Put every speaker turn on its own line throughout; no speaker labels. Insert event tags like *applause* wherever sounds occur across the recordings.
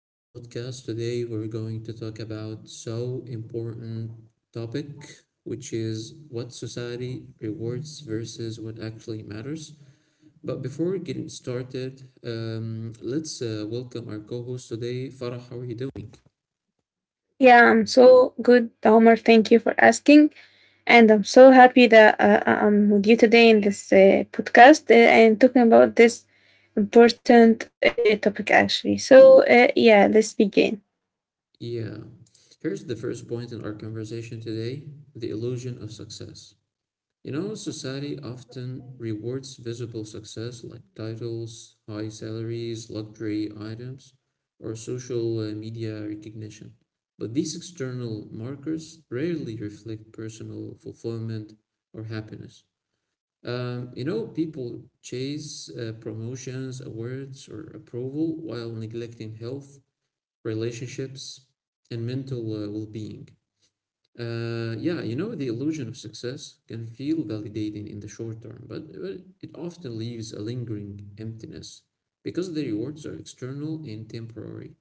of our podcast. Today, we're going to talk about so important topic, which is what society rewards versus what actually matters. But before getting started, let's welcome our co-host today, Farah. How are you doing?
Yeah, I'm so good, Homer. Thank you for asking. And I'm so happy that I'm with you today in this podcast and talking about this important topic, actually. So, yeah, let's begin.
Yeah, here's the first point in our conversation today: the illusion of success. You know, society often rewards visible success like titles, high salaries, luxury items, or social media recognition. But these external markers rarely reflect personal fulfillment or happiness. People chase promotions, awards, or approval while neglecting health, relationships, and mental well being. Yeah, you know, the illusion of success can feel validating in the short term, but it often leaves a lingering emptiness because the rewards are external and temporary,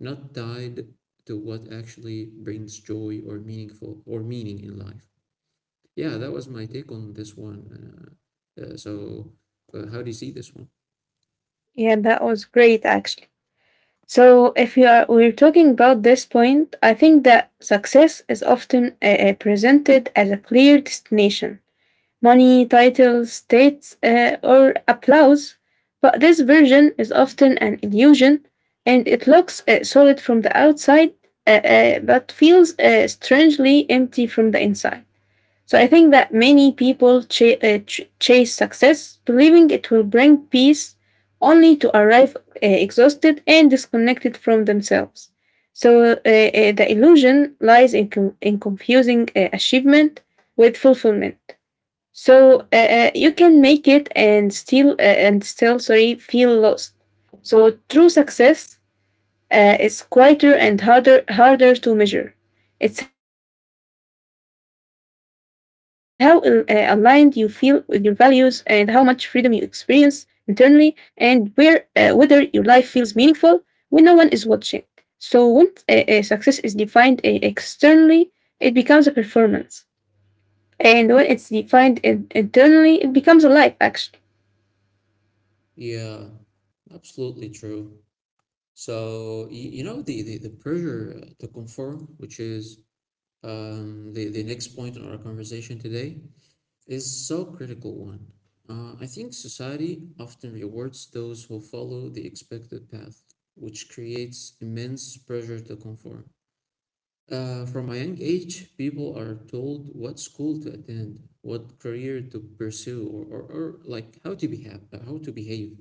not tied to what actually brings joy or meaning in life. Yeah, that was my take on this one. Uh, so, how do you see this one?
Yeah, that was great, actually. So, if you are, we're talking about this point. I think that success is often presented as a clear destination: money, titles, states, or applause, but this version is often an illusion, and it looks solid from the outside, but feels strangely empty from the inside. So I think that many people chase success, believing it will bring peace, only to arrive exhausted and disconnected from themselves. So, the illusion lies in confusing achievement with fulfillment. So, you can make it and still sorry, feel lost. So true success is quieter and harder to measure. It's how aligned you feel with your values, and how much freedom you experience internally, and where whether your life feels meaningful when no one is watching. So when success is defined externally, it becomes a performance, and when it's defined internally, it becomes alive, actually.
Yeah, absolutely true. So, you know, the pressure to conform, which is the next point in our conversation today is so critical one. I think society often rewards those who follow the expected path, which creates immense pressure to conform. From a young age, people are told what school to attend, what career to pursue, or like how to behave,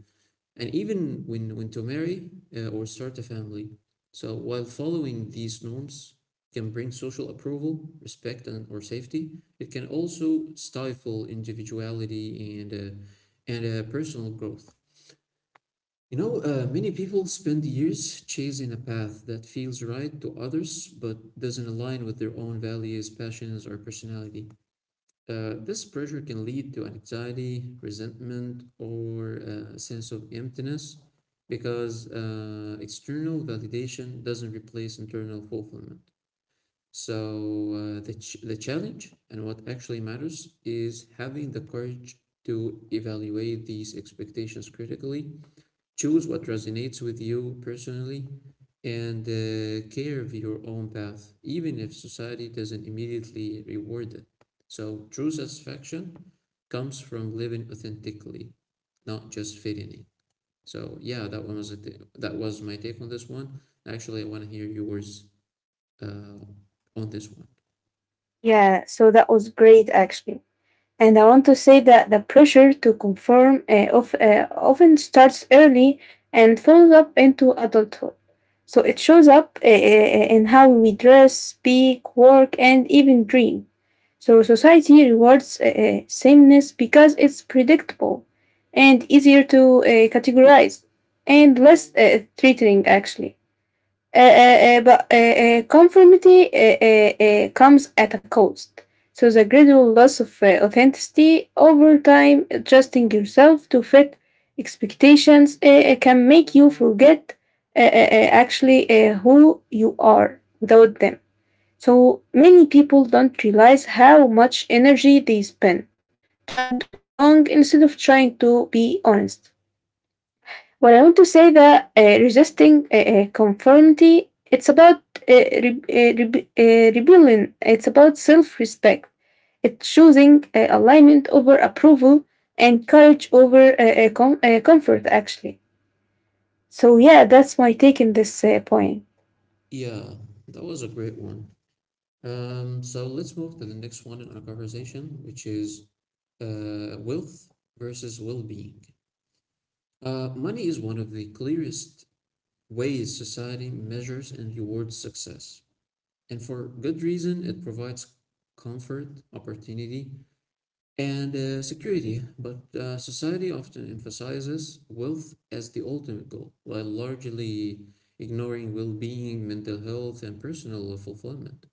and even when to marry or start a family. So while following these norms can bring social approval, respect, and or safety, it can also stifle individuality and personal growth. You know, many people spend years chasing a path that feels right to others but doesn't align with their own values, passions, or personality. This pressure can lead to anxiety, resentment, or a sense of emptiness because external validation doesn't replace internal fulfillment. So, the challenge and what actually matters is having the courage to evaluate these expectations critically, choose what resonates with you personally, and carve your own path, even if society doesn't immediately reward it. So, true satisfaction comes from living authentically, not just fitting in. So, yeah, that one was a th- that was my take on this one. Actually, I want to hear yours uh, on this one.
Yeah, so that was great actually. And I want to say that the pressure to conform often starts early and follows up into adulthood. So it shows up in how we dress, speak, work, and even dream. So society rewards sameness because it's predictable and easier to categorize, and less threatening actually. But Conformity comes at a cost. So the gradual loss of authenticity over time, adjusting yourself to fit expectations, can make you forget actually who you are without them. So many people don't realize how much energy they spend trying to belong instead of trying to be honest. Well, I want to say that resisting conformity, it's about rebellion. It's about self-respect. It's choosing alignment over approval, and courage over comfort, actually. So, yeah, that's my take in this point.
Yeah, that was a great one. So let's move to the next one in our conversation, which is wealth versus well-being. Money is one of the clearest ways society measures and rewards success. And for good reason, it provides comfort, opportunity, and security. But society often emphasizes wealth as the ultimate goal, while largely ignoring well being, mental health, and personal fulfillment.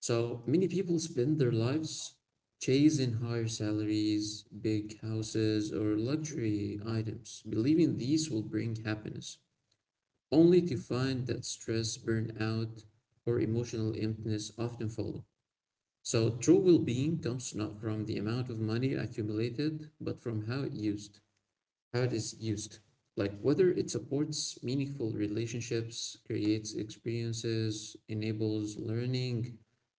So many people spend their lives chasing higher salaries, big houses, or luxury items, believing these will bring happiness, only to find that stress, burnout, or emotional emptiness often follow. So true well-being comes not from the amount of money accumulated, but from how it is used, like whether it supports meaningful relationships, creates experiences, enables learning,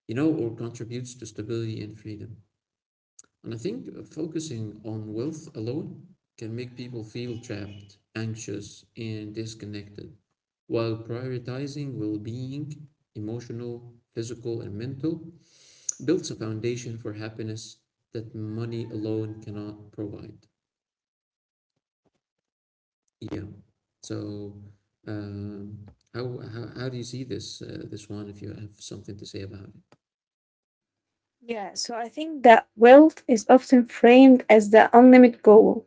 you know, or contributes to stability and freedom. And I think focusing on wealth alone can make people feel trapped, anxious, and disconnected, while prioritizing well-being, emotional, physical, and mental, builds a foundation for happiness that money alone cannot provide. Yeah. So, um, how how do you see this this one if you have something to say about it?
Yeah, so I think that wealth is often framed as the unlimited goal,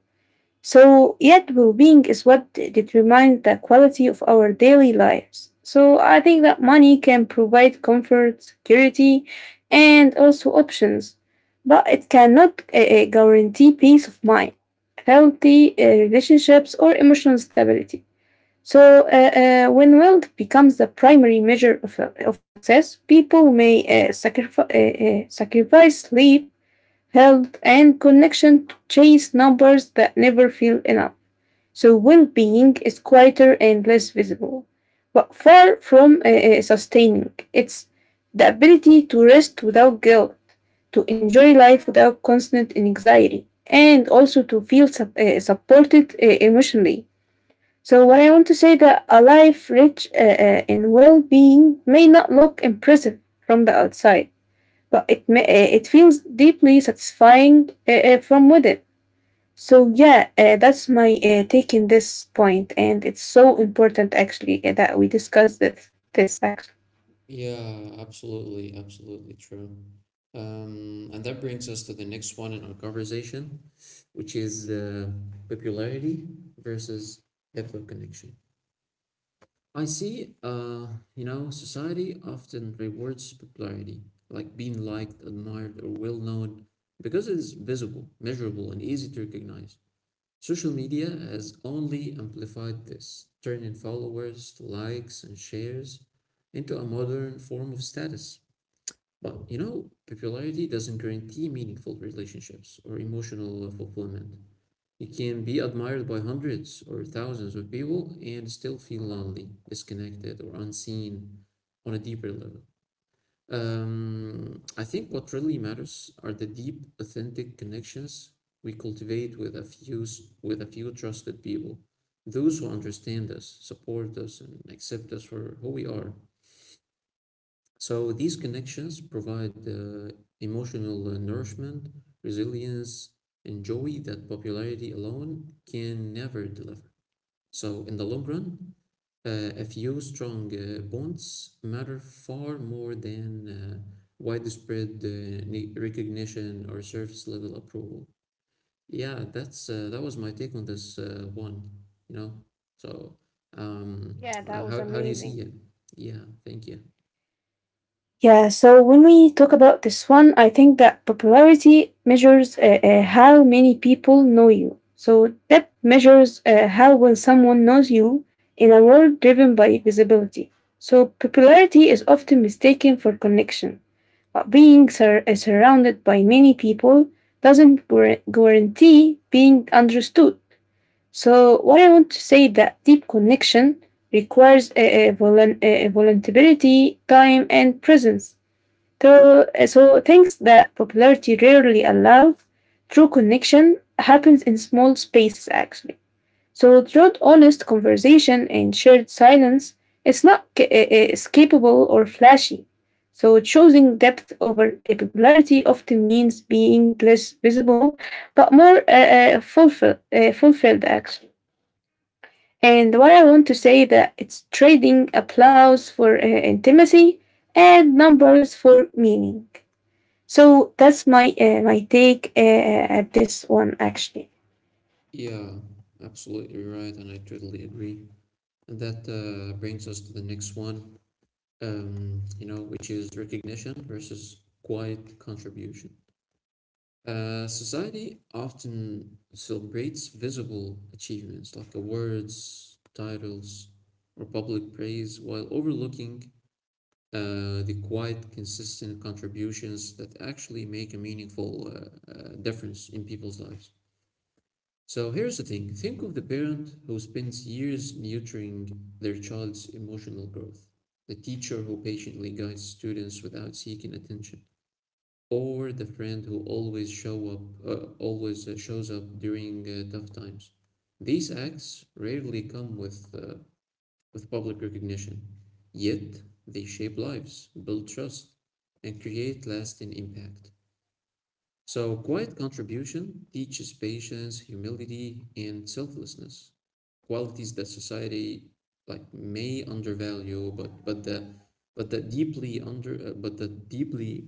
so, yet well being is what determines the quality of our daily lives. So, I think that money can provide comfort, security, and also options, but it cannot guarantee peace of mind, healthy relationships, or emotional stability. So, when wealth becomes the primary measure of, eh, of success, people may sacrifice sleep, health, and connection to chase numbers that never feel enough. So well being is quieter and less visible, but far from sustaining. It's the ability to rest without guilt, to enjoy life without constant anxiety, and also to feel supported emotionally. So, what I want to say that a life rich in well being may not look impressive from the outside, but it feels deeply satisfying from within. So yeah, that's my take in this point, and it's so important actually that we discuss this. This actually,
Yeah, absolutely, absolutely true. And that brings us to the next one in our conversation, which is popularity versus depth of connection. I see, you know, society often rewards popularity, like being liked, admired, or well known, because it is visible, measurable, and easy to recognize. Social media has only amplified this, turning followers, to likes, and shares into a modern form of status. But you know, popularity doesn't guarantee meaningful relationships or emotional fulfillment. You can be admired by hundreds or thousands of people and still feel lonely, disconnected, or unseen on a deeper level. I think what really matters are the deep, authentic connections we cultivate with a few trusted people, those who understand us, support us, and accept us for who we are. So these connections provide emotional nourishment, resilience, and joy that popularity alone can never deliver. So in the long run, a few strong bonds matter far more than widespread recognition or surface level approval. Yeah, that was my take on this one. You know, so um,
yeah, that was
how do you
amazing.
see it? Yeah, thank you.
Yeah, so when we talk about this one, I think that popularity measures how many people know you. So depth measures how well someone knows you in a world driven by visibility. So popularity is often mistaken for connection, but being surrounded by many people doesn't guarantee being understood. So, what I want to say that deep connection requires a, volun- a vulnerability, time, and presence. So, so things that popularity rarely allows, true connection happens in small spaces actually. So through honest conversation and shared silence, it's not escapable or flashy. So choosing depth over a popularity often means being less visible, but more fulfilled actually. And what I want to say that it's trading applause for intimacy and numbers for meaning. So that's my take at this one actually.
Yeah, absolutely right, and I totally agree. And that brings us to the next one. You know, which is recognition versus quiet contribution. Society often celebrates visible achievements like awards, titles, or public praise while overlooking the quiet, consistent contributions that actually make a meaningful difference in people's lives. So here's the thing, think of the parent who spends years nurturing their child's emotional growth, the teacher who patiently guides students without seeking attention, or the friend who always shows up during tough times. These acts rarely come with public recognition, yet they shape lives, build trust, and create lasting impact. So quiet contribution teaches patience, humility, and selflessness, qualities that society like may undervalue, but that deeply,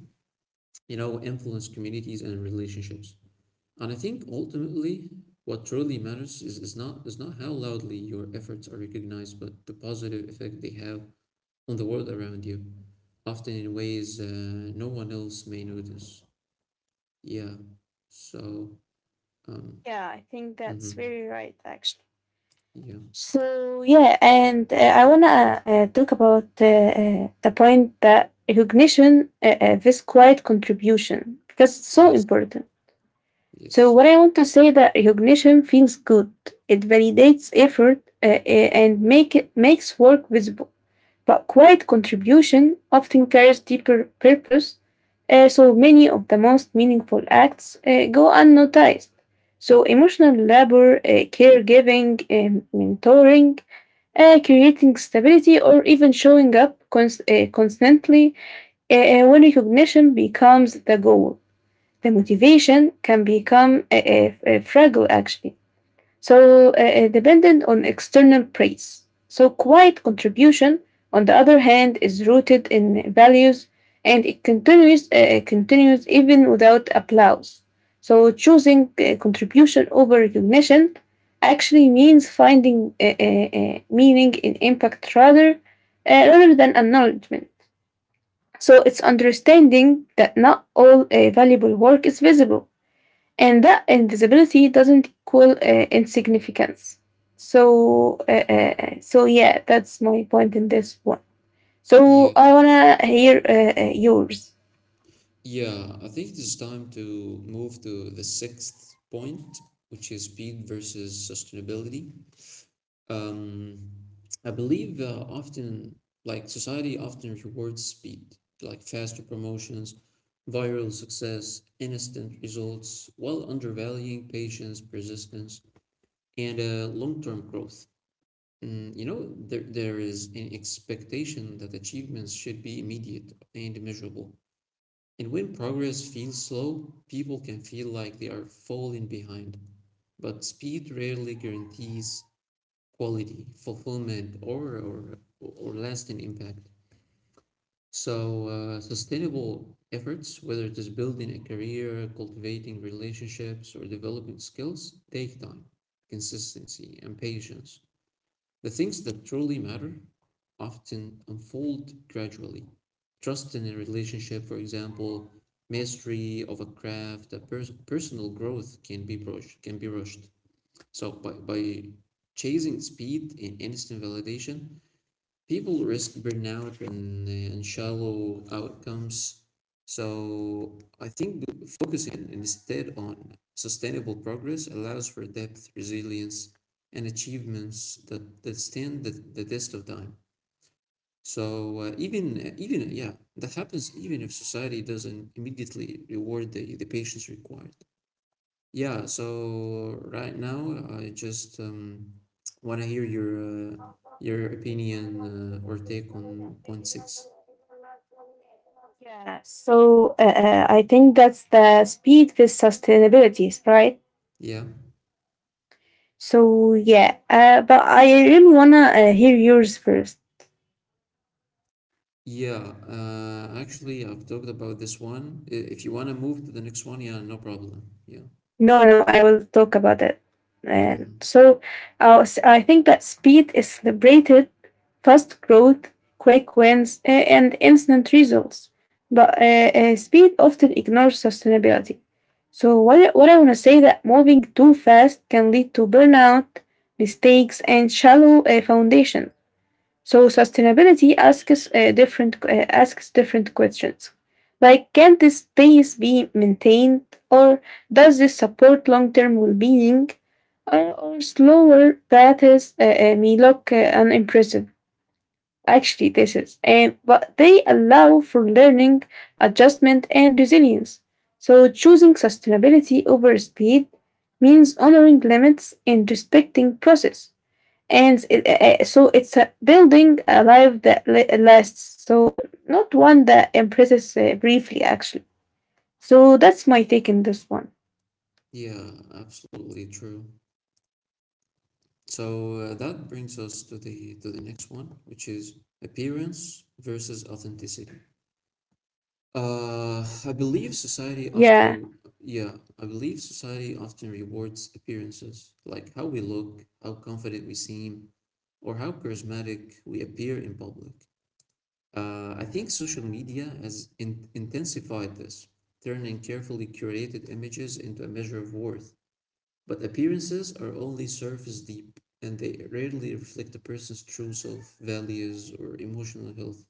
you know, influence communities and relationships. And I think ultimately, what truly matters is not how loudly your efforts are recognized, but the positive effect they have on the world around you, often in ways no one else may notice. Yeah. So, um,
Yeah, I think that's
mhm.
very right, actually.
Yeah.
So yeah, and I wanna talk about the point that recognition, this quiet contribution, because it's so
Yes.
important. So
Yes.
what I want to say that recognition feels good. It validates effort and make it makes work visible. But quiet contribution often carries deeper purpose. So many of the most meaningful acts go unnoticed. So, emotional labor, caregiving, mentoring, creating stability, or even showing up constantly when recognition becomes the goal. The motivation can become fragile, actually, so dependent on external praise. So, quiet contribution, on the other hand, is rooted in values, and it continues even without applause. So, choosing contribution over recognition actually means finding meaning in impact, rather than acknowledgement. So, it's understanding that not all valuable work is visible, and that invisibility doesn't equal insignificance. So so yeah, that's my point in this one. So
Yeah.
I wanna hear yours.
Yeah, I think it is time to move to the sixth point, which is speed versus sustainability. Um, I believe often, like society often rewards speed, like faster promotions, viral success, instant results, while undervaluing patience, persistence, and long-term growth. You know, there is an expectation that achievements should be immediate and measurable. And when progress feels slow, people can feel like they are falling behind. But speed rarely guarantees quality, fulfillment, or lasting impact. So sustainable efforts, whether it is building a career, cultivating relationships, or developing skills, take time, consistency, and patience. The things that truly matter often unfold gradually. Trust in a relationship, for example, mastery of a craft, personal growth can be rushed. Can be rushed. So by chasing speed and instant validation, people risk burnout and shallow outcomes. So I think focusing instead on sustainable progress allows for depth, resilience, and achievements that stand the test of time. So even, yeah, that happens even if society doesn't immediately reward the patience required. Yeah, so right now I just want to hear your opinion or take on point six.
Yeah, so I think that's the speed with sustainability, right?
Yeah.
So yeah, but I really wanna hear yours first.
Yeah, actually I've talked about this one. If you want to move to the next one, yeah, no problem. Yeah.
No, no, I will talk about it. And
Hmm.
so I think that speed is celebrated: fast growth, quick wins, and instant results. But speed often ignores sustainability. So what I want to say that moving too fast can lead to burnout, mistakes, and shallow foundations. So sustainability asks different asks different questions, like can this space be maintained, or does this support long-term well-being? Or slower paths may look unimpressive. Actually, this is, and but they allow for learning, adjustment, and resilience. So choosing sustainability over speed means honoring limits and respecting process, and so it's a building a life that lasts, so not one that impresses briefly actually. So that's my take in this one.
Yeah, absolutely true. So that brings us to the next one, which is appearance versus authenticity. I believe
Yeah.
yeah, I believe society often rewards appearances, like how we look, how confident we seem, or how charismatic we appear in public. I think social media has in intensified this, turning carefully curated images into a measure of worth. But appearances are only surface deep, and they rarely reflect a person's true self, values, or emotional health.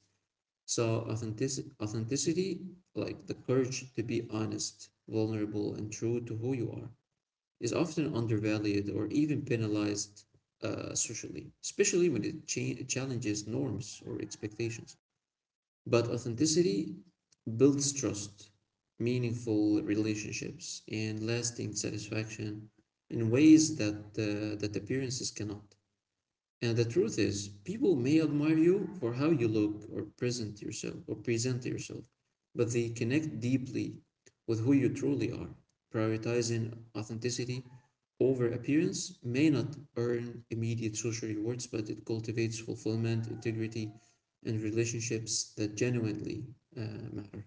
So authenticity, like the courage to be honest, vulnerable, and true to who you are, is often undervalued or even penalized socially, especially when it challenges norms or expectations. But authenticity builds trust, meaningful relationships, and lasting satisfaction in ways that that appearances cannot. And the truth is, people may admire you for how you look or present yourself, but they connect deeply with who you truly are. Prioritizing authenticity over appearance may not earn immediate social rewards, but it cultivates fulfillment, integrity, and relationships that genuinely uh, matter.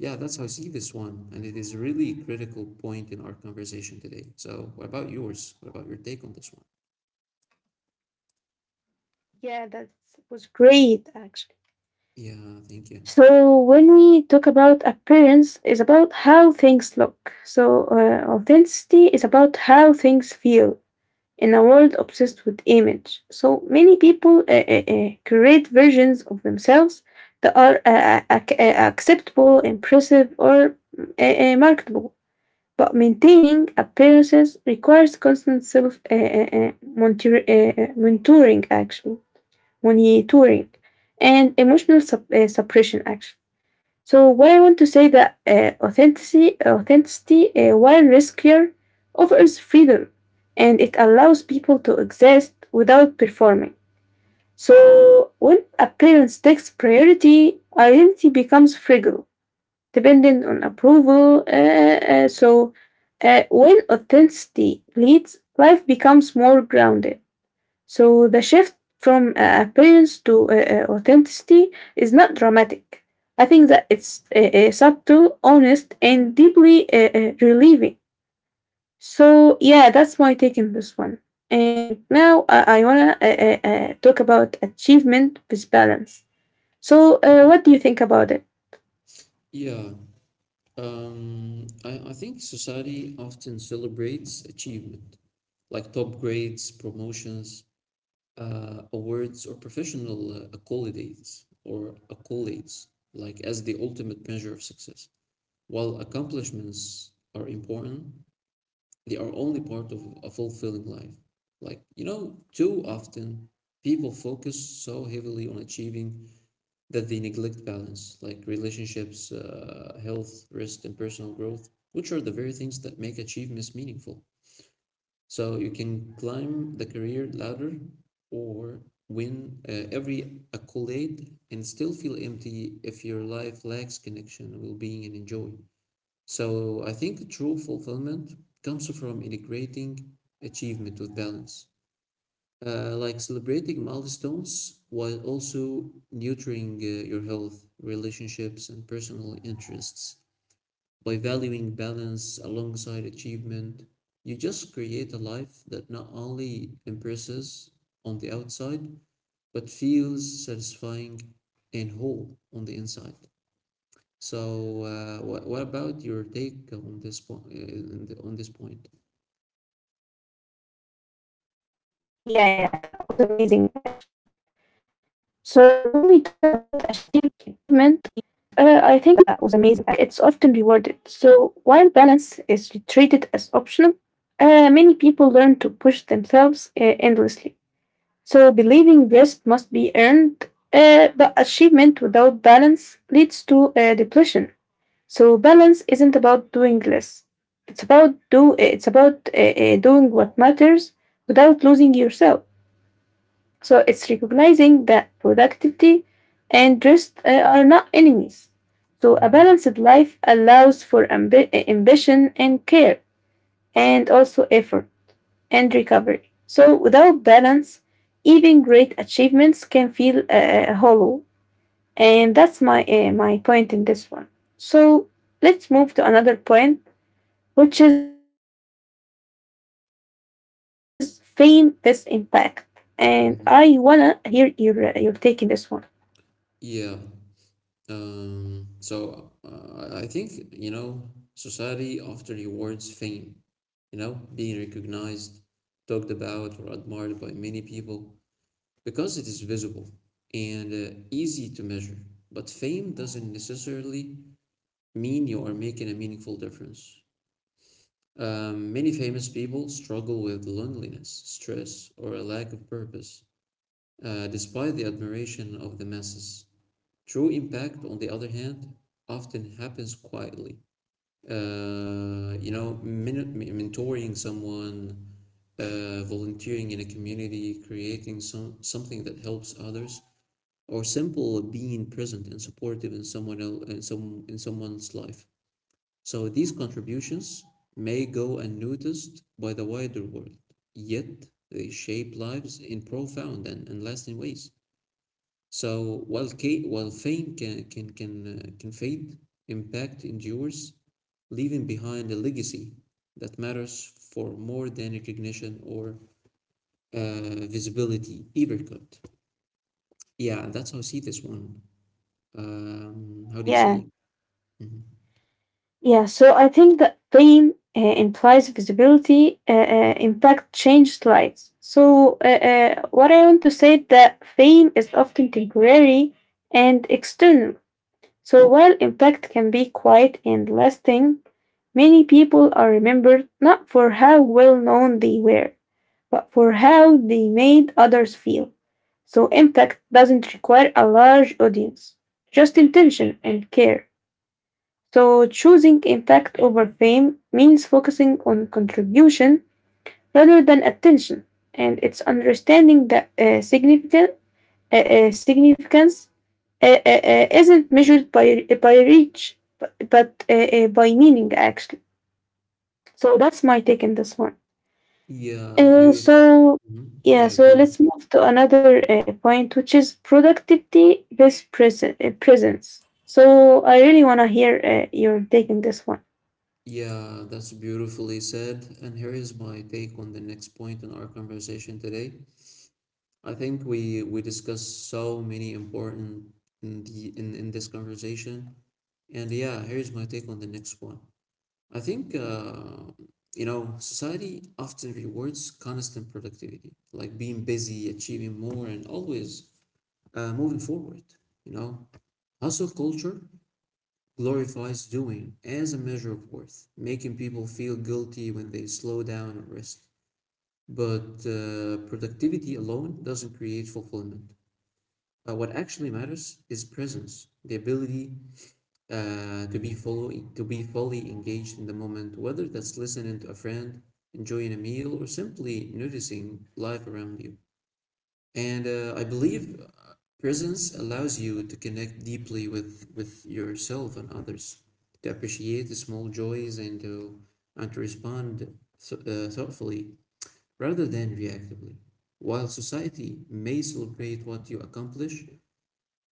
Yeah, that's how I see this one, and it is a really critical point in our conversation today. So, what about yours? What about your take on this one?
Yeah, that was great actually.
Yeah, thank you.
So when we talk about appearance, it's about how things look, so authenticity is about how things feel in a world obsessed with image. So many people create versions of themselves that are acceptable, impressive, or marketable. But maintaining appearances requires constant self monitoring, and emotional suppression, actually. So what I want to say that authenticity while riskier, offers freedom, and it allows people to exist without performing. So when appearance takes priority, identity becomes fragile, dependent on approval. When authenticity leads, life becomes more grounded. So the shift from appearance to authenticity is not dramatic. I think that it's subtle, honest, and deeply relieving. So yeah, that's my take on this one. And now I wanna talk about achievement with balance. So what do you think about it?
Yeah, I think society often celebrates achievement, like top grades, promotions, awards, or professional accolades, like as the ultimate measure of success. While accomplishments are important, they are only part of a fulfilling life. Like, you know, too often people focus so heavily on achieving that they neglect balance, like relationships, health, rest, and personal growth, which are the very things that make achievements meaningful. So you can climb the career ladder or win every accolade and still feel empty if your life lacks connection, well being, and joy. So I think true fulfillment comes from integrating achievement with balance. Like celebrating milestones while also nurturing your health, relationships, and personal interests. By valuing balance alongside achievement, you just create a life that not only impresses on the outside, but feels satisfying and whole on the inside. So, what about your take on this point? On this point?
Yeah, yeah, that was amazing actually. So when we talk about achievement, I think it's often rewarded. So while balance is treated as optional, many people learn to push themselves endlessly, so believing rest must be earned, but achievement without balance leads to depletion. So balance isn't about doing less. It's about do. It's about doing what matters without losing yourself. So it's recognizing that productivity and rest are not enemies. So a
hmm
balanced life allows for ambition and care, and also effort and recovery. So, without balance, even great achievements can feel hollow. And that's my point in this one. So, let's move to another point, which is fame is impact. And I wanna hear your take in
hmm
this one.
Yeah. So I think, you know, society often rewards fame, you know, being recognized, talked about, or admired by many people because it is visible and easy to measure. But fame doesn't necessarily mean you are making a meaningful difference. Many famous people struggle with loneliness, stress, or a lack of purpose, despite the admiration of the masses. True impact, on the other hand, often happens quietly. Uh, you know, men- Mentoring someone, volunteering in a community, creating something that helps others, or simple being present and supportive in someone else in some in someone's life. So these contributions may go unnoticed by the wider world, yet they shape lives in profound and lasting ways. So while fame can fade, impact endures, leaving behind a legacy that matters for more than recognition or visibility ever could. Yeah, that's how I see this one. How do you see
Yeah.
it? hmm
Yeah, so I think that pain implies visibility, impact changed lives. So, what I want to say is that fame is often temporary and external. So, while impact can be quiet and lasting, many people are remembered not for how well known they were, but for how they made others feel. So, impact doesn't require a large audience, just intention and care. So, choosing impact over fame means focusing on contribution rather than attention, and it's understanding that significance isn't measured by reach, but by meaning, actually. So, that's my take on this one.
Yeah,
Uh,
beautiful.
so,
hmm
yeah,
Yeah,
so
go ahead.
let's move to another point, which is productivity based presence. So, I really want to hear your take on this one.
Yeah, that's beautifully said. And here is my take on the next point in our conversation today. I think we discussed so many important in this conversation. And yeah, here's my take on the next one. I think you know, society often rewards constant productivity, like being busy, achieving more, and always moving forward, you know. Hustle culture glorifies doing as a measure of worth, making people feel guilty when they slow down and rest. But productivity alone doesn't create fulfillment. What actually matters is presence, the ability to be fully engaged in the moment, whether that's listening to a friend, enjoying a meal, or simply noticing life around you. And uh, I believe presence allows you to connect deeply with yourself and others, to appreciate the small joys and to respond thoughtfully rather than reactively. While society may celebrate what you accomplish,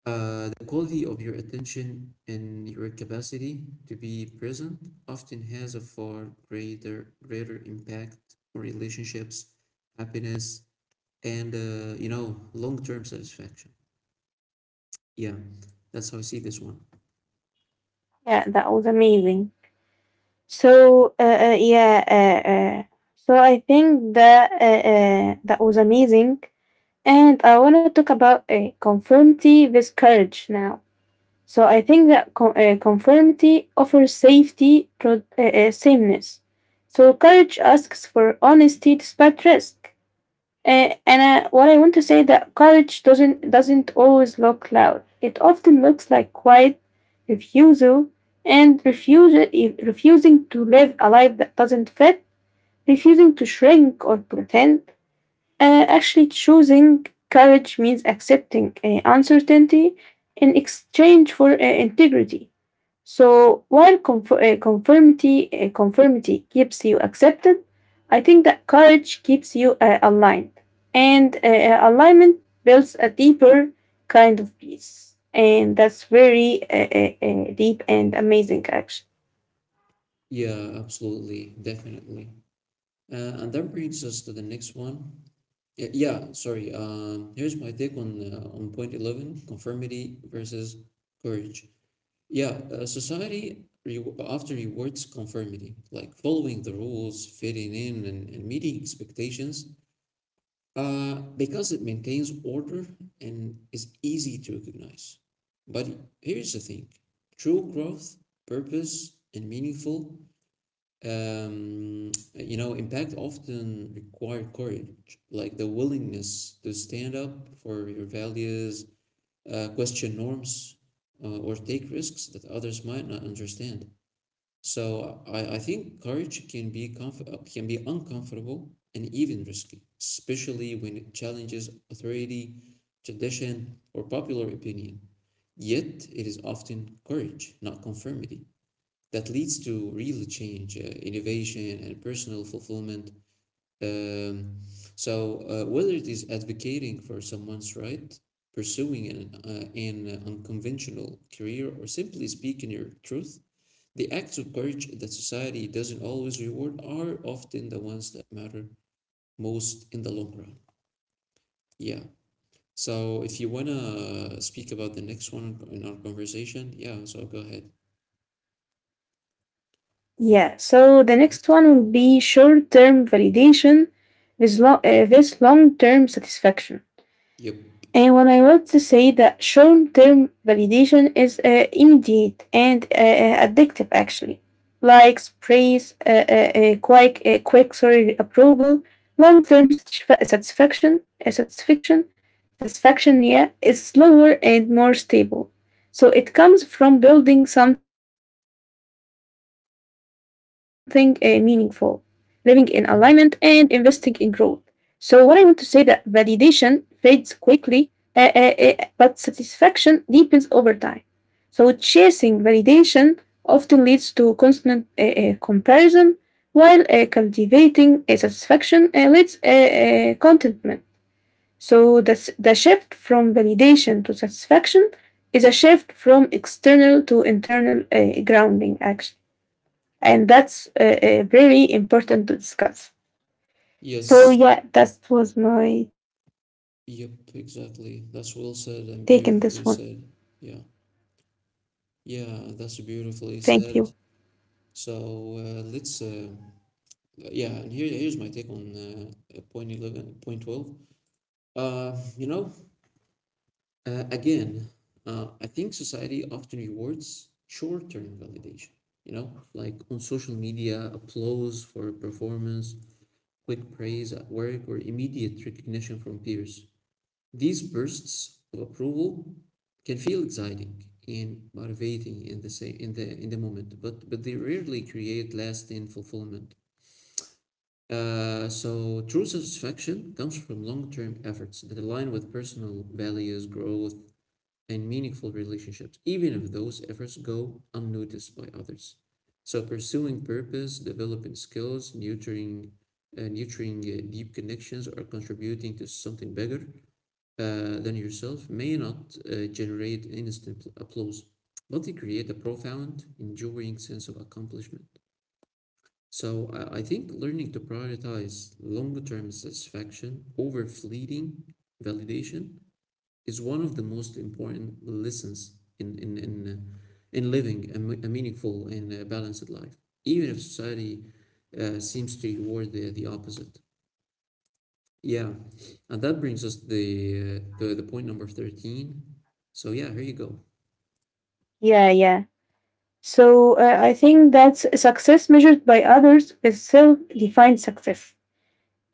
the quality of your attention and your capacity to be present often has a far greater impact on relationships, happiness, and you know, long-term satisfaction. Yeah, that's how I see this one.
Yeah, that was amazing. So, uh, uh, yeah, uh, uh, so I think that that was amazing, and I want to talk about conformity with courage now. So I think that conformity offers safety, sameness. So courage asks for honesty despite risk. And What I want to say that courage doesn't always look loud. It often looks like quiet refusal and refusal, refusing to live a life that doesn't fit, refusing to shrink or pretend. Actually, choosing courage means accepting uncertainty in exchange for integrity. So while conformity keeps you accepted, I think that courage keeps you aligned, and alignment builds a deeper kind of peace, and that's very deep and amazing. Actually,
Yeah, absolutely, definitely. And that brings us to the next one. Yeah, yeah, sorry. Here's my take on point 11, conformity versus courage. Yeah, society re after rewards conformity, like following the rules, fitting in, and meeting expectations, because it maintains order and is easy to recognize. But here's the thing, true growth, purpose, and meaningful, you know, impact often require courage, like the willingness to stand up for your values, question norms or take risks that others might not understand. So I think courage can be uncomfortable and even risky, especially when it challenges authority, tradition, or popular opinion. Yet it is often courage, not conformity, that leads to real change, innovation, and personal fulfillment. um, Whether it is advocating for someone's right, pursuing an unconventional career, or simply speaking your truth, the acts of courage that society doesn't always reward are often the ones that matter most in the long run. Yeah. So,
yeah,
if you
that
want
was amazing.
to speak about the next one in our conversation, yeah, so go ahead.
Yeah. So the next
Yes.
one will be short-term validation with long-term satisfaction.
Yep.
And when I want to say that short term validation is immediate and addictive, actually. Likes, praise, quick sorry, approval, long term satisfaction, yeah, is slower and more stable. So it comes from building something meaningful, living in alignment, and investing in growth.
Mhm.
So what I want to say that validation fades quickly, but satisfaction deepens over time. So chasing validation often leads to constant comparison, while cultivating a satisfaction leads contentment. So the shift from validation to satisfaction is a shift from external to internal grounding, actually, and that's very important to discuss. So
Yes.
yeah, that was my take in this one.
Yep, exactly. That's well said and beautifully said. Yeah. Yeah, that's
Thank you.
beautifully said. So yeah, and here's my take on point 12. Uh, you know, uh, again, I think society often rewards short-term validation, you know, like on social media, applause for performance, quick praise at work, or immediate recognition from peers. These bursts of approval can feel exciting and motivating in the moment, but they rarely create lasting fulfillment. So true satisfaction comes from long-term efforts that align with personal values, growth, and meaningful relationships, even if those efforts go unnoticed by others. So pursuing purpose, developing skills, nurturing deep connections, or contributing to something bigger than yourself may not generate instant applause, but they create a profound, enduring sense of accomplishment. So I think learning to prioritize longer-term satisfaction over fleeting validation is one of the most important lessons in in in, uh, in living a meaningful and balanced life, even if society seems to reward the opposite. Yeah, and that brings us the point number 13. So yeah, here you go.
Yeah, yeah. So I think that's success measured by others is self-defined success.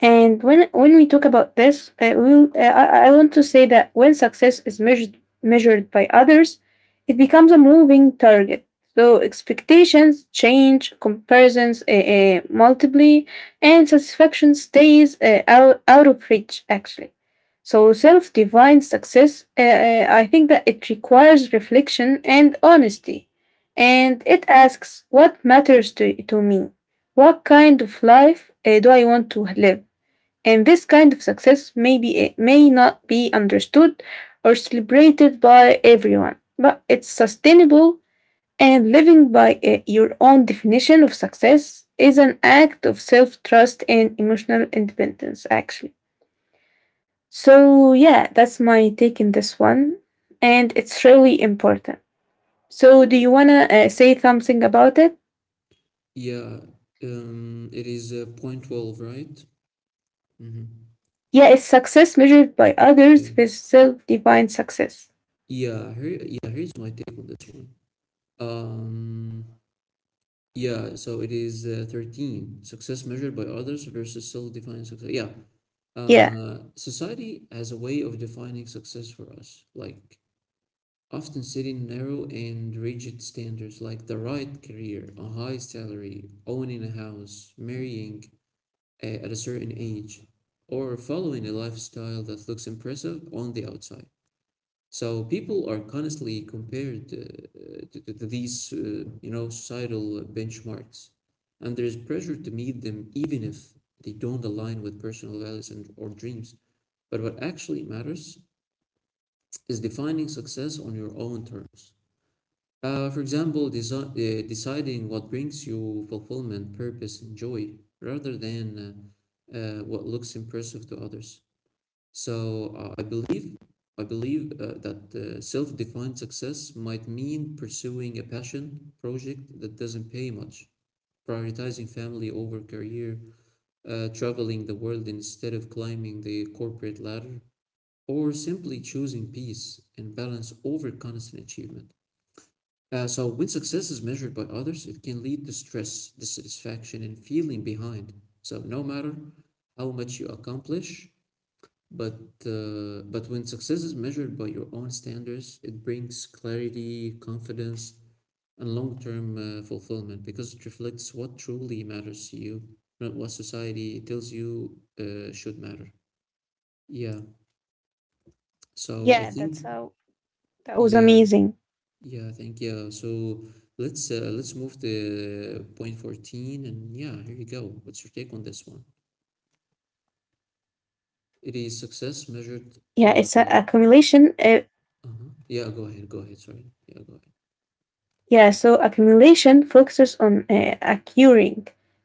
And when we talk about this, I want to say that when success is measured by others, it becomes a moving target. So expectations change, comparisons multiply, and satisfaction stays out of reach, actually. So self defined success, I think that it requires reflection and honesty. And it asks what matters to me? What kind of life do I want to live? And this kind of success may not be understood or celebrated by everyone, but it's sustainable and living by your own definition of success is an act of self trust and emotional independence, actually. So, yeah, that's my take in this one, and it's really important. So, do you want to say something about it?
Yeah, it is point 12, right? Mm-hmm.
Yeah, it's success measured by
Yeah,
others with self defined success.
yeah. Here, yeah. Here's my take on this one. Um, yeah. So it is 13. Success measured by others versus self-defined success. Yeah.
Yeah,
Society has a way of defining success for us. Like often setting narrow and rigid standards like the right career, a high salary, owning a house, marrying at a certain age, or following a lifestyle that looks impressive on the outside. So people are constantly compared to these, you know, societal benchmarks, and there is pressure to meet them even if they don't align with personal values and or dreams. But what actually matters is defining success on your own terms. Deciding what brings you fulfillment, purpose, and joy rather than what looks impressive to others. So I believe that self-defined success might mean pursuing a passion project that doesn't pay much, prioritizing family over career, traveling the world instead of climbing the corporate ladder, or simply choosing peace and balance over constant achievement. So when success is measured by others, it can lead to stress, dissatisfaction, and feeling behind. So no matter how much you accomplish, but but when success is measured by your own standards, it brings clarity, confidence, and long-term fulfillment because it reflects what truly matters to you, not what society tells you should matter. Yeah. So I
yeah,
think
that's how that was
yeah.
amazing.
Yeah, thank you. So let's move to point 14 and yeah, here you go. What's your take on this one? It is
Yeah, it's
success
a
measured uh
accumulation
uh-huh. Yeah, go ahead. Sorry. Yeah, go ahead.
yeah, so accumulation focuses on acquiring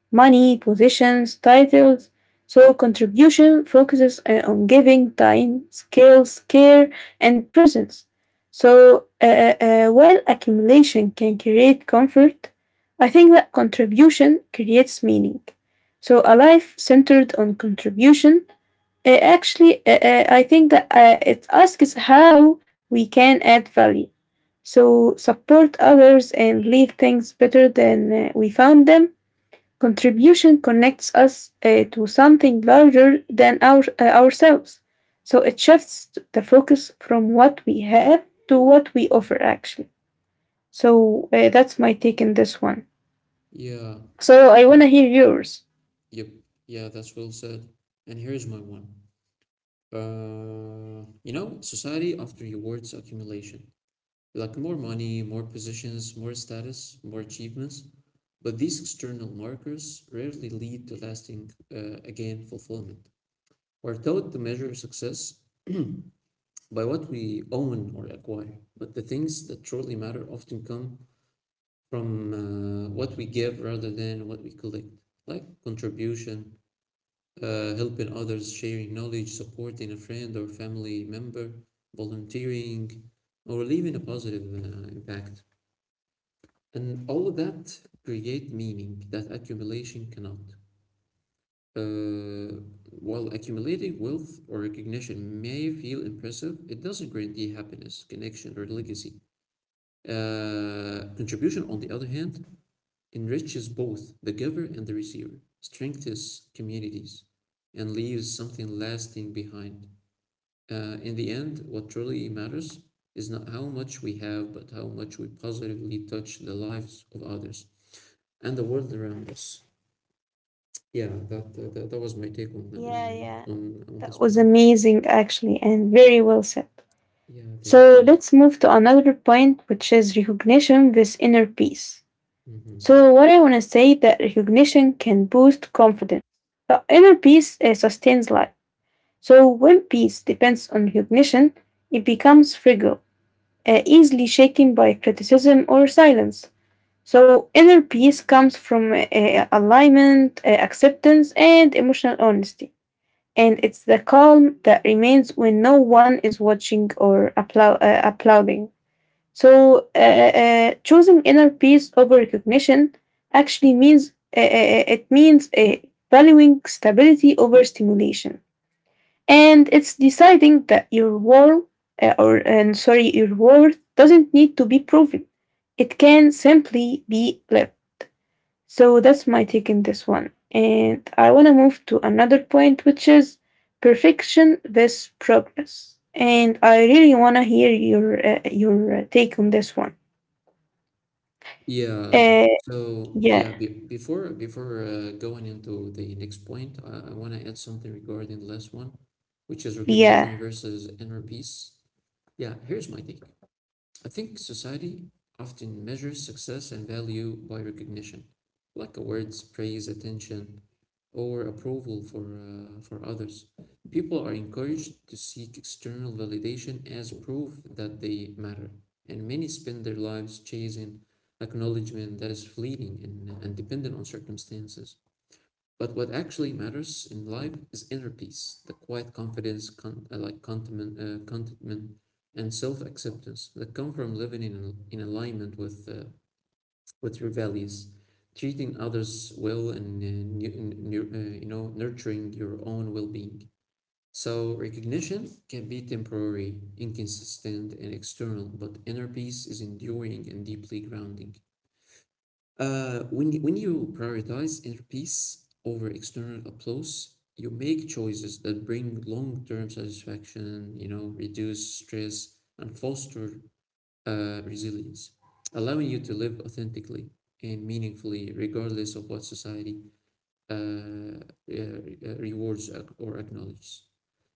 money, positions, titles. So contribution focuses on giving time, skills, care, and presence. So while accumulation can create comfort, I think that contribution creates meaning. So a life centered on contribution I think that it asks how we can add value. So support others and leave things better than we found them. Contribution connects us to something larger than ourselves. So it shifts the focus from what we have to what we offer, actually. So that's my take in this one.
Yeah.
So I want
th-
to hear yours.
Yep. Yeah, that's well said. And here's my one. You know, society often rewards accumulation, like more money, more positions, more status, more achievements. But these external markers rarely lead to lasting, again, fulfillment. We're taught to measure success *clears throat* by what we own or acquire, but the things that truly matter often come from what we give rather than what we collect, like contribution, helping others, sharing knowledge, supporting a friend or family member, volunteering, or leaving a positive impact. And all of that create meaning that accumulation cannot. Uh, while accumulating wealth or recognition may feel impressive, it doesn't guarantee happiness, connection, or legacy. Contribution, on the other hand, enriches both the giver and the receiver, strengthens communities, and leaves something lasting behind. In the end, what truly matters is not how much we have, but how much we positively touch the lives of others and the world around us. Yeah, that was my take on on
Yeah, yeah.
uh, on on this
That was
point.
amazing, actually, and very well said.
Yeah, thank
So
you.
let's move to another point, which is recognition with inner peace.
hmm
So what I want to say that recognition can boost confidence, but inner peace sustains life. So when peace depends on recognition, it becomes fragile, easily shaken by criticism or silence. So inner peace comes from alignment, acceptance, and emotional honesty. And it's the calm that remains when no one is watching or applauding. So, choosing inner peace over recognition actually means it means valuing stability over stimulation, and it's deciding that your worth or and sorry, your worth doesn't need to be proven; it can simply be lived. So that's my take in this one, and I want to move to another point, which is perfection versus progress. And I really want to hear your take on this one.
Yeah.
Uh,
So
yeah,
yeah, be before before going into the next point, I want to add something regarding the last one, which is
yeah,
recognition versus inner peace. Yeah, here's my take. I think society often measures success and value by recognition, like awards, praise, attention, or approval for others. People are encouraged to seek external validation as proof that they matter, and many spend their lives chasing acknowledgement that is fleeting and dependent on circumstances. But what actually matters in life is inner peace, the quiet confidence, contentment and self-acceptance that come from living in alignment with your values, treating others well, and, you know nurturing your own well-being. So recognition can be temporary, inconsistent, and external, but inner peace is enduring and deeply grounding. When you prioritize inner peace over external applause, you make choices that bring long-term satisfaction, reduce stress and foster resilience, allowing you to live authentically and meaningfully, regardless of what society uh, uh, rewards or acknowledges.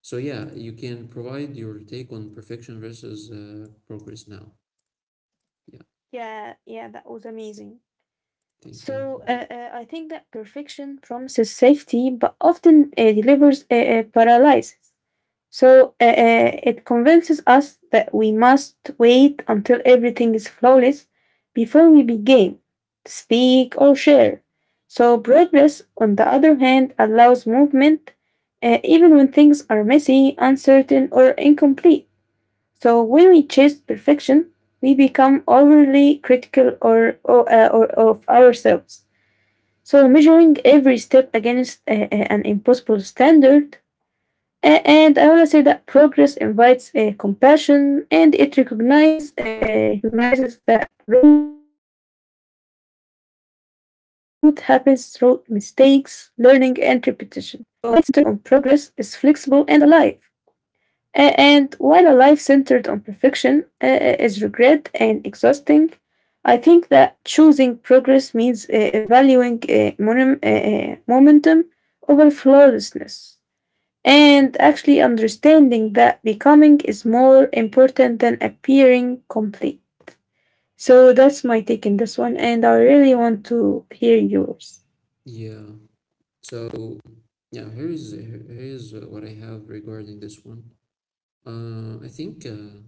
So yeah, you can provide your take on perfection versus progress now. Yeah,
yeah, that was amazing.
thank you.
So I think that perfection promises safety, but often delivers paralysis. So it convinces us that we must wait until everything is flawless before we begin, speak, or share. So progress, on the other hand, allows movement even when things are messy, uncertain, or incomplete. So when we chase perfection, we become overly critical or of ourselves. So measuring every step against an impossible standard. And I want to say that progress invites compassion, and it recognizes that growth happens through mistakes, learning, and repetition. So a life centered on progress is flexible and alive. And while a life centered on perfection is regret and exhausting, I think that choosing progress means valuing momentum over flawlessness and actually understanding that becoming is more important than appearing complete. So that's my take in this one, and I really want to hear yours.
Yeah. So yeah, here's here's uh, what I have regarding this one. I think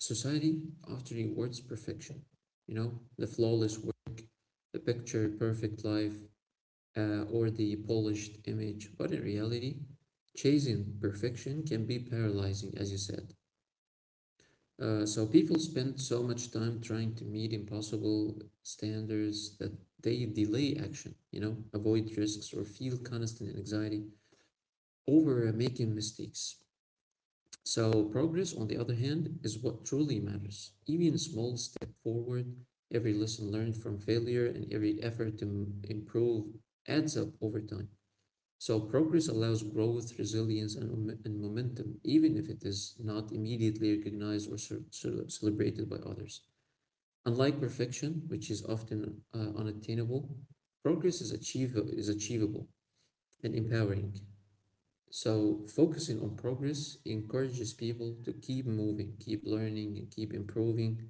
society often rewards perfection. You know, the flawless work, the picture perfect life, or the polished image. But in reality, chasing perfection can be paralyzing, as you said. So people spend so much time trying to meet impossible standards that they delay action, you know, avoid risks or feel constant anxiety over making mistakes. So progress, on the other hand, is what truly matters. Even a small step forward, every lesson learned from failure, and every effort to improve adds up over time. So progress allows growth, resilience, and, momentum, even if it is not immediately recognized or celebrated by others. Unlike perfection, which is often unattainable, progress is achievable and empowering. So, focusing on progress encourages people to keep moving, keep learning, and keep improving,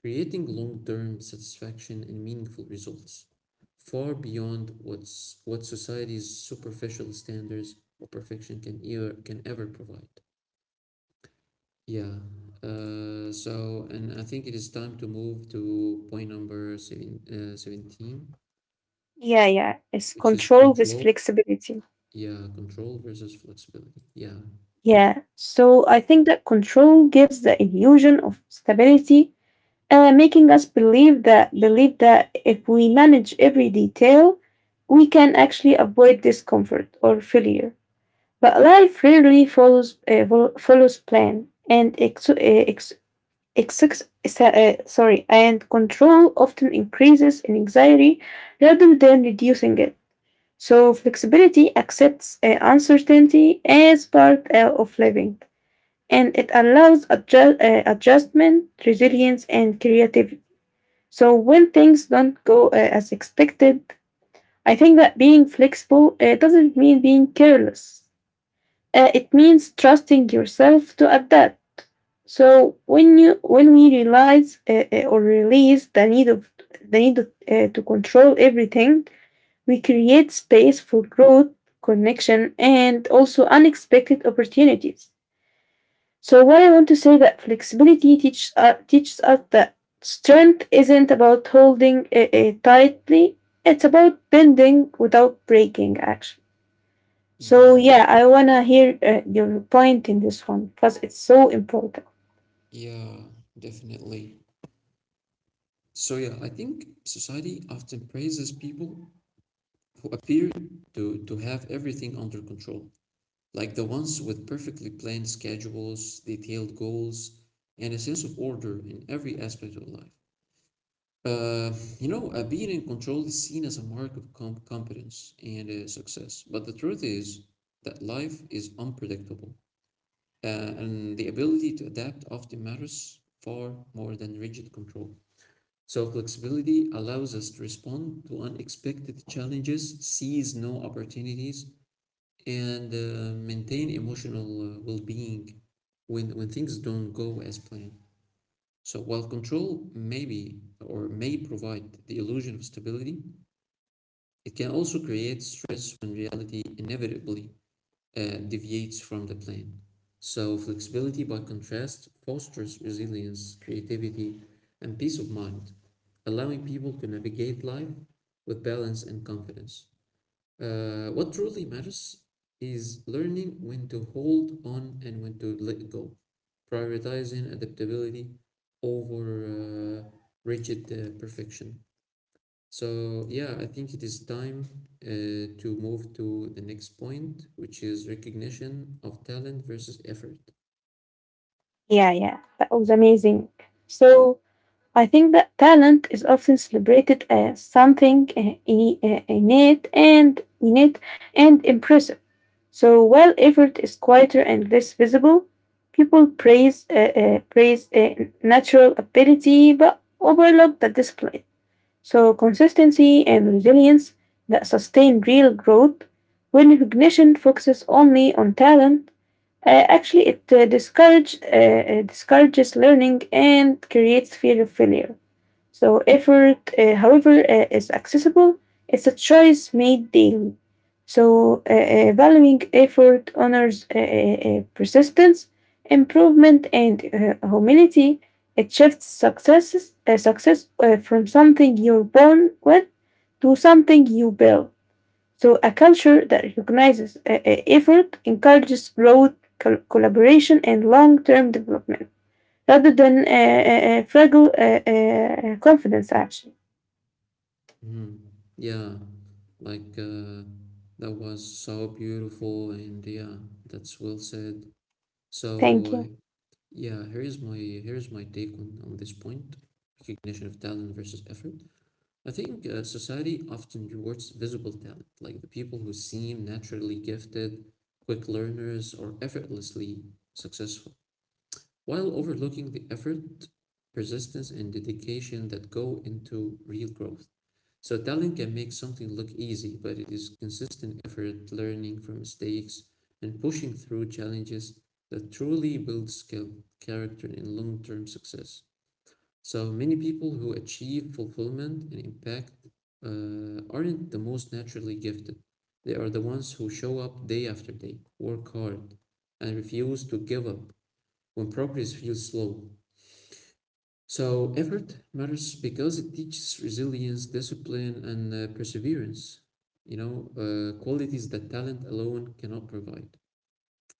creating long term satisfaction and meaningful results, far beyond what society's superficial standards or perfection can ever provide. Yeah. And I think it is time to move to point number seven, 17,
Yeah, yeah. It's
which is
control with
control.
flexibility.
Yeah, control versus flexibility. Yeah.
Yeah. So I think that control gives the illusion of stability, making us believe that if we manage every detail, we can actually avoid discomfort or failure. But life rarely follows follows plan, and sorry, and control often increases in anxiety rather than reducing it. So flexibility accepts uncertainty as part of living, and it allows adjustment, resilience, and creativity. So when things don't go as expected, I think that being flexible doesn't mean being careless. It means trusting yourself to adapt. So when we realize or release the need to control everything, we create space for growth, connection, and also unexpected opportunities. So what I want to say that flexibility teaches us that strength isn't about holding tightly; it's about bending without breaking. Actually. So
Yeah,
yeah, I wanna hear your point in this one because it's so important.
yeah, definitely. So yeah, I think society often praises people who appear to have everything under control, like the ones with perfectly planned schedules, detailed goals, and a sense of order in every aspect of life. Uh, you know, being in control is seen as a mark of competence and success, but the truth is that life is unpredictable, uh, and the ability to adapt often matters far more than rigid control. So flexibility allows us to respond to unexpected challenges, seize new opportunities, and maintain emotional well-being when things don't go as planned. So while control may provide the illusion of stability, it can also create stress when reality inevitably deviates from the plan. So, flexibility, by contrast, fosters resilience, creativity, and peace of mind, allowing people to navigate life with balance and confidence. What truly matters is learning when to hold on and when to let go, prioritizing adaptability over uh, rigid perfection. So, yeah, I think it is time to move to the next point, which is recognition of talent versus effort.
Yeah, yeah, that was amazing. So I think that talent is often celebrated as something innate and innate and impressive. So while effort is quieter and less visible, people praise natural ability but overlook the discipline. So, consistency and resilience that sustain real growth when recognition focuses only on talent. Actually, it discourages learning and creates fear of failure. So effort, however, is accessible. It's a choice made daily. So valuing effort honors persistence, improvement, and humility. It shifts success from something you're born with to something you build. So a culture that recognizes effort encourages growth, collaboration, and long-term development rather than fragile confidence, actually.
Mhm. Yeah, like that was so beautiful, and yeah, that's well said.
Thank
So,
you.
yeah, here is my here is my take on this point, recognition of talent versus effort. I think society often rewards visible talent, like the people who seem naturally gifted, quick learners, or effortlessly successful, while overlooking the effort, persistence, and dedication that go into real growth. So, talent can make something look easy, but it is consistent effort, learning from mistakes, and pushing through challenges that truly build skill, character, and long term success. So many people who achieve fulfillment and impact aren't the most naturally gifted. They are the ones who show up day after day, work hard, and refuse to give up when progress feels slow. So effort matters because it teaches resilience, discipline, and perseverance. You know, qualities that talent alone cannot provide.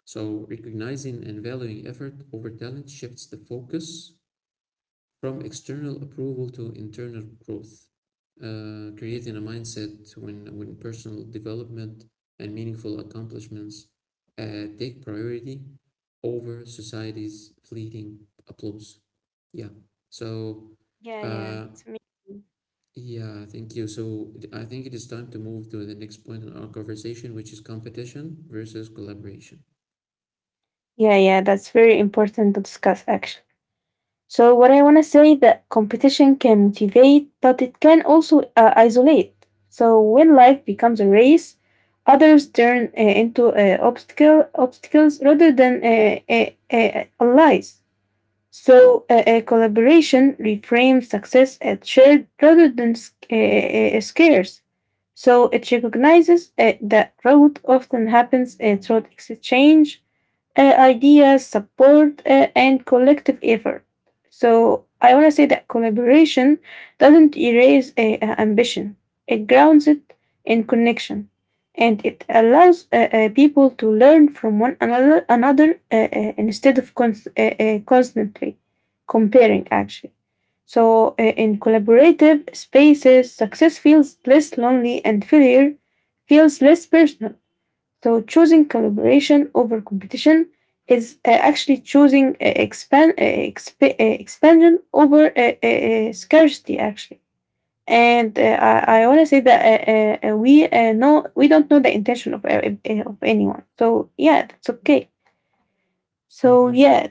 So recognizing and valuing effort over talent shifts the focus from external approval to internal growth, creating a mindset when personal development and meaningful accomplishments take priority over society's fleeting applause. Yeah. So,
Yeah, yeah,
uh,
that's amazing.
yeah, thank you. So I think it is time to move to the next point in our conversation, which is competition versus collaboration.
Yeah, yeah, that's very important to discuss actually. So what I want to say that competition can motivate, but it can also isolate. So when life becomes a race, others turn into obstacles rather than allies. So a collaboration reframes success as shared rather than scarce. So it recognizes that growth often happens through exchange ideas, support, and collective effort. So I want to say that collaboration doesn't erase a ambition. It grounds it in connection, and it allows people to learn from one another, instead of constantly comparing. Actually, so in collaborative spaces, success feels less lonely, and failure feels less personal. So choosing collaboration over competition is actually choosing expansion over scarcity actually. And I want to say that we don't know the intention of anyone. So yeah, that's okay. So
Mm-hmm.
yeah,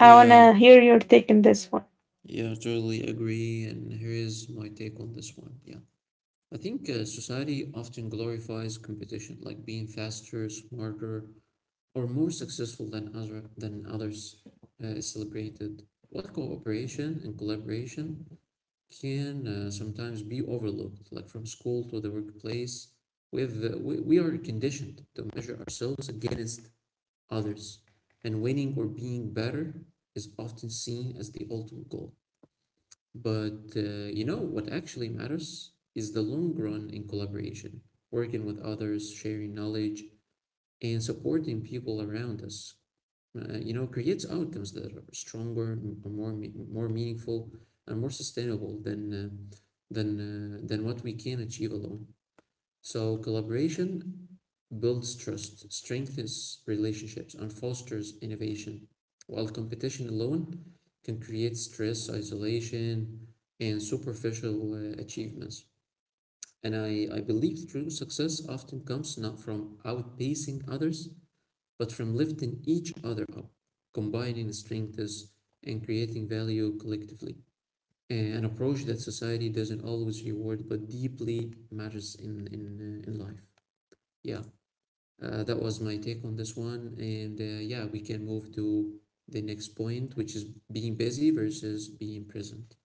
I wanna hear your take on this one.
yeah, totally agree. And here is my take on this one. Yeah. I think society often glorifies competition, like being faster, smarter, or more successful than others is celebrated. While cooperation and collaboration can sometimes be overlooked, like from school to the workplace, we are conditioned to measure ourselves against others, and winning or being better is often seen as the ultimate goal. But you know, what actually matters is the long run in collaboration, working with others, sharing knowledge, and supporting people around us. You know, creates outcomes that are stronger, more meaningful, and more sustainable than what we can achieve alone. So collaboration builds trust, strengthens relationships, and fosters innovation, while competition alone can create stress, isolation, and superficial achievements. And I believe true success often comes not from outpacing others, but from lifting each other up, combining strengths, and creating value collectively. An approach that society doesn't always reward, but deeply matters in life. Yeah. That was my take on this one. And Yeah, we can move to the next point, which is being busy versus being present.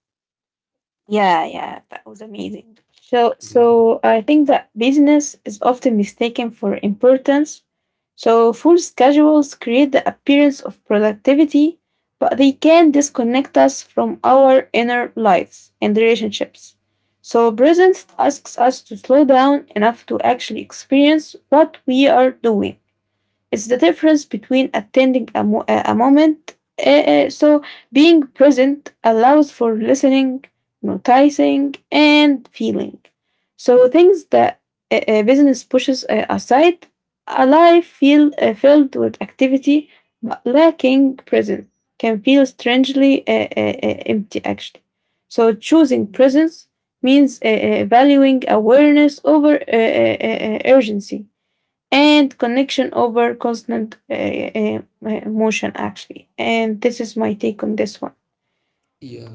Yeah, yeah, that was amazing. So,
Yeah.
so I think that business is often mistaken for importance. So, full schedules create the appearance of productivity, but they can disconnect us from our inner lives and relationships. So, presence asks us to slow down enough to actually experience what we are doing. It's the difference between attending a, mo- a moment. So, being present allows for listening, noticing, and feeling. So, things that a business pushes aside, a life filled with activity but lacking presence can feel strangely empty, actually. So, choosing presence means valuing awareness over urgency and connection over constant motion, actually. And this is my take on this one.
Yeah,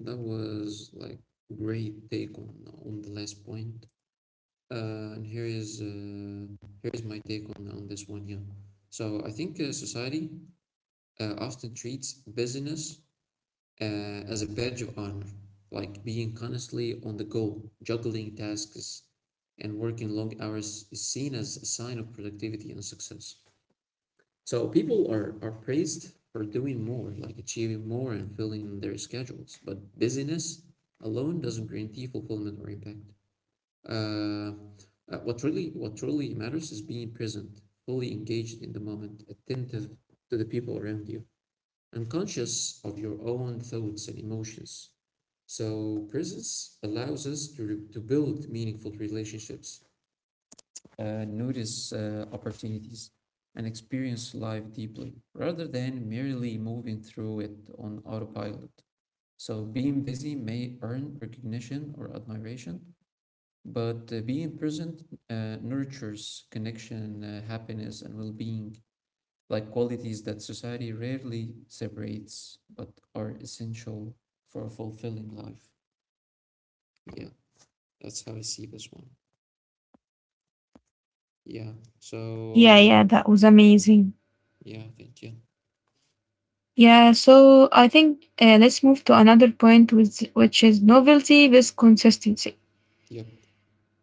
that was like great take on the last point. And here is my take on this one. Yeah. So I think society often treats busyness as a badge of honor, like being constantly on the go, juggling tasks, and working long hours is seen as a sign of productivity and success. So people are praised for doing more, like achieving more and filling their schedules. But busyness alone doesn't guarantee fulfillment or impact. Uh, what truly matters is being present, fully engaged in the moment, attentive to the people around you unconscious of your own thoughts and emotions. So presence allows us to build meaningful relationships, notice opportunities, and experience life deeply rather than merely moving through it on autopilot. So being busy may earn recognition or admiration, but being present nurtures connection, happiness, and well being like qualities that society rarely separates but are essential for a fulfilling life. Yeah, that's how I see this one. Yeah. So,
Yeah,
uh,
yeah, that was amazing.
yeah, thank you.
Yeah, so I think let's move to another point, which is novelty with consistency.
Yep.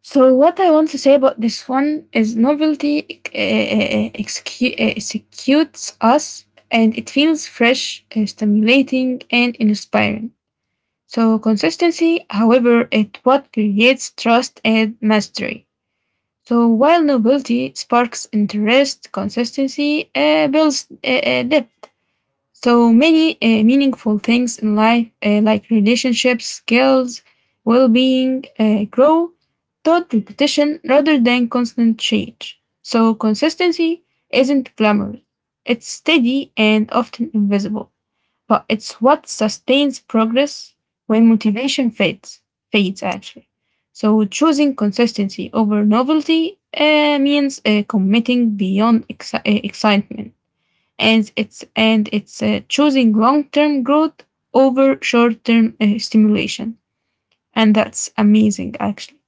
So what I want to say about this one is novelty executes us and it feels fresh, stimulating, and inspiring. So consistency, however, is what creates trust and mastery. So while novelty sparks interest, consistency builds depth. So many meaningful things in life, like relationships, skills, well being, grow through repetition rather than constant change. So consistency isn't glamorous, it's steady and often invisible, but it's what sustains progress when motivation fades actually. So choosing consistency over novelty means committing beyond excitement and it's choosing long-term growth over short-term stimulation, and that's amazing actually.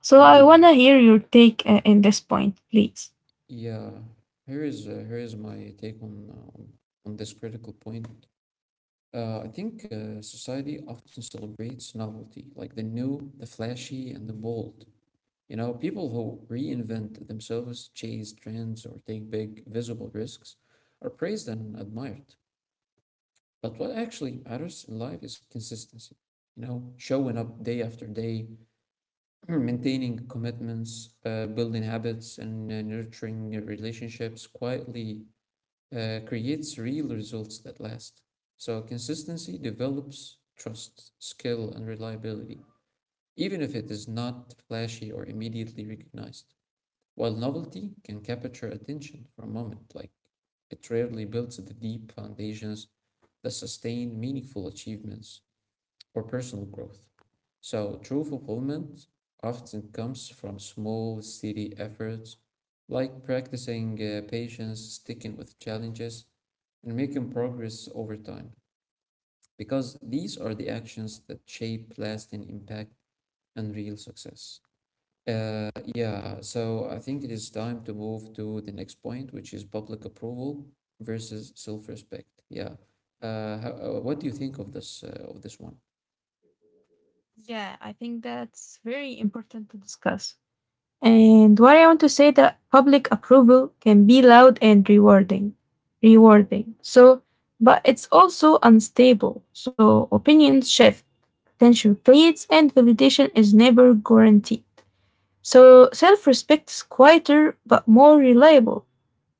So I
Yeah,
want to hear your take in this point please.
yeah. Here is my take on on this critical point. I think society often celebrates novelty, like the new, the flashy, and the bold. You know, people who reinvent themselves, chase trends, or take big, visible risks are praised and admired. But what actually matters in life is consistency. You know, showing up day after day, *clears throat* maintaining commitments, building habits, and nurturing relationships quietly creates real results that last. So, consistency develops trust, skill, and reliability, even if it is not flashy or immediately recognized. While novelty can capture attention for a moment, like it rarely builds the deep foundations that sustain meaningful achievements or personal growth. So, true fulfillment often comes from small, steady efforts, like practicing patience, sticking with challenges, and making progress over time, because these are the actions that shape lasting impact and real success. Yeah, so I think it is time to move to the next point, which is public approval versus self-respect. Yeah. What do you think of this one?
Yeah, I think that's very important to discuss. And what I want to say that public approval can be loud and rewarding. So, but it's also unstable. So opinions shift, tension fades, and validation is never guaranteed. So self-respect is quieter but more reliable.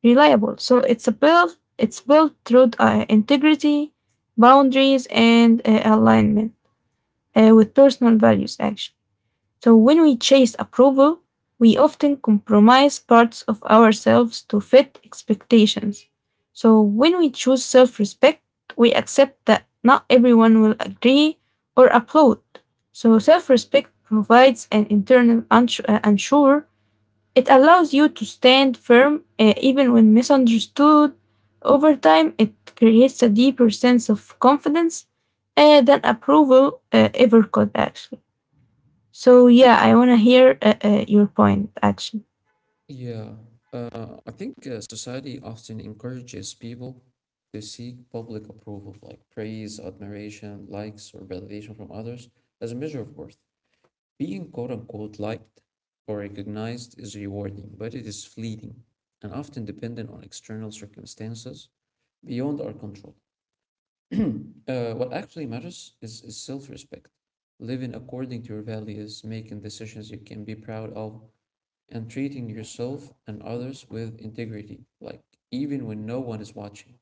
Reliable. So it's a built. It's built through integrity, boundaries, and alignment with personal values. Actually. So when we chase approval, we often compromise parts of ourselves to fit expectations. So when we choose self respect, we accept that not everyone will agree or applaud. So self respect provides an internal unsure. It allows you to stand firm even when misunderstood. Over time, it creates a deeper sense of confidence than approval ever could, actually. So yeah, I want to hear your point actually.
Yeah. I think society often encourages people to seek public approval, like praise, admiration, likes, or validation from others as a measure of worth. Being quote unquote liked or recognized is rewarding, but it is fleeting and often dependent on external circumstances beyond our control. What actually matters is self respect, living according to your values, making decisions you can be proud of, and treating yourself and others with integrity, like even when no one is watching.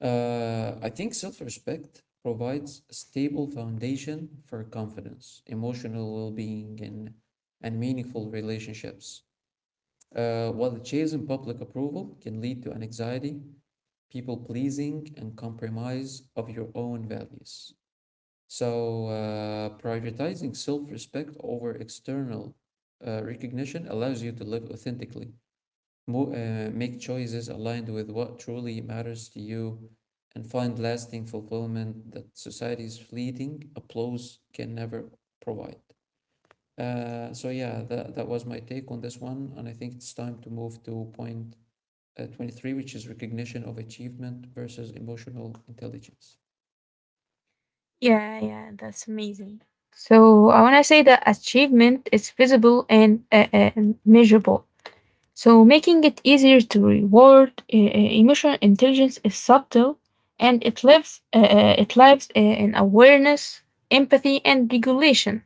I think self respect provides a stable foundation for confidence, emotional well being, and meaningful relationships. While the chase in public approval can lead to anxiety people pleasing, and compromise of your own values. So, prioritizing self respect over external recognition allows you to live authentically, make choices aligned with what truly matters to you, and find lasting fulfillment that society's fleeting applause can never provide. So, yeah, that was my take on this one. And I think it's time to move to point 23, which is recognition of achievement versus emotional intelligence.
Yeah, yeah, that's amazing. So I want to say that achievement is visible and measurable. So making it easier to reward emotional intelligence is subtle, and it lives in awareness, empathy, and regulation.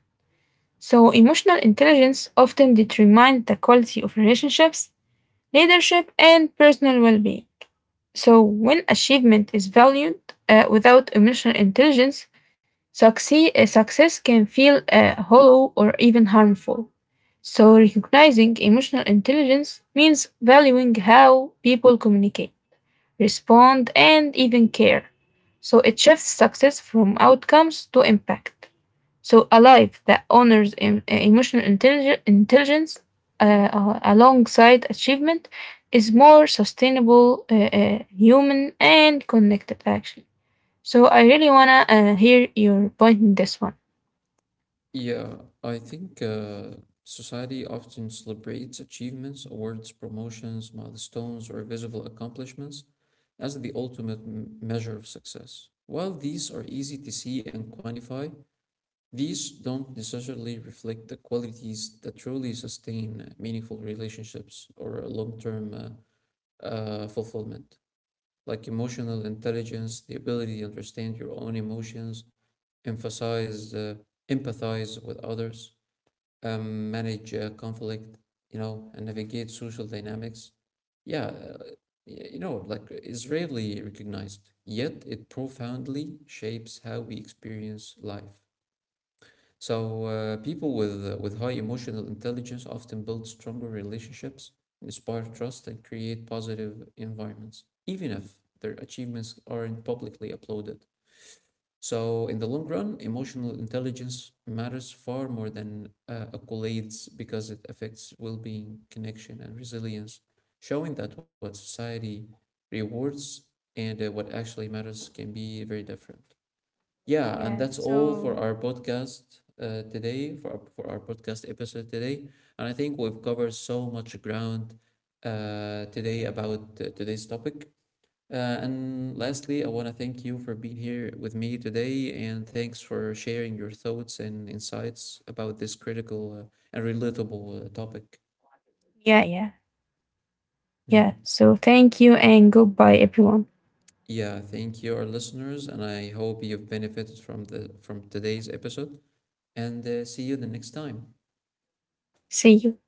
So emotional intelligence often determines the quality of relationships, leadership, and personal well being. So, when achievement is valued without emotional intelligence, success can feel hollow or even harmful. So, recognizing emotional intelligence means valuing how people communicate, respond, and even care. So, it shifts success from outcomes to impact. So, a life that honors emotional intelligence uh, alongside achievement is more sustainable, human, and connected, actually. So, I really want to hear your point in this one.
Yeah, I think society often celebrates achievements, awards, promotions, milestones, or visible accomplishments as the ultimate measure of success. While these are easy to see and quantify, these don't necessarily reflect the qualities that truly sustain meaningful relationships or long term fulfillment. Like emotional intelligence, the ability to understand your own emotions, emphasize, uh, empathize with others, manage conflict, you know, and navigate social dynamics. Yeah, you know, like is rarely recognized, yet it profoundly shapes how we experience life. So people with high emotional intelligence often build stronger relationships, inspire trust, and create positive environments, even if their achievements aren't publicly applauded. So in the long run, emotional intelligence matters far more than accolades because it affects well-being, connection, and resilience, showing that what society rewards and what actually matters can be very different. Yeah, and
Yeah,
that's all for
so,
our podcast for our podcast episode today. And I think we've covered so much ground today about today's topic. Uh, and lastly, I want to thank you for being here with me today, and thanks for sharing your thoughts and insights about this critical and relatable topic.
yeah, yeah, yeah.
Mhm.
So, thank you and goodbye, everyone.
Yeah, thank you, our listeners, and I hope you've benefited from the from today's episode. And see you the next time.
See you.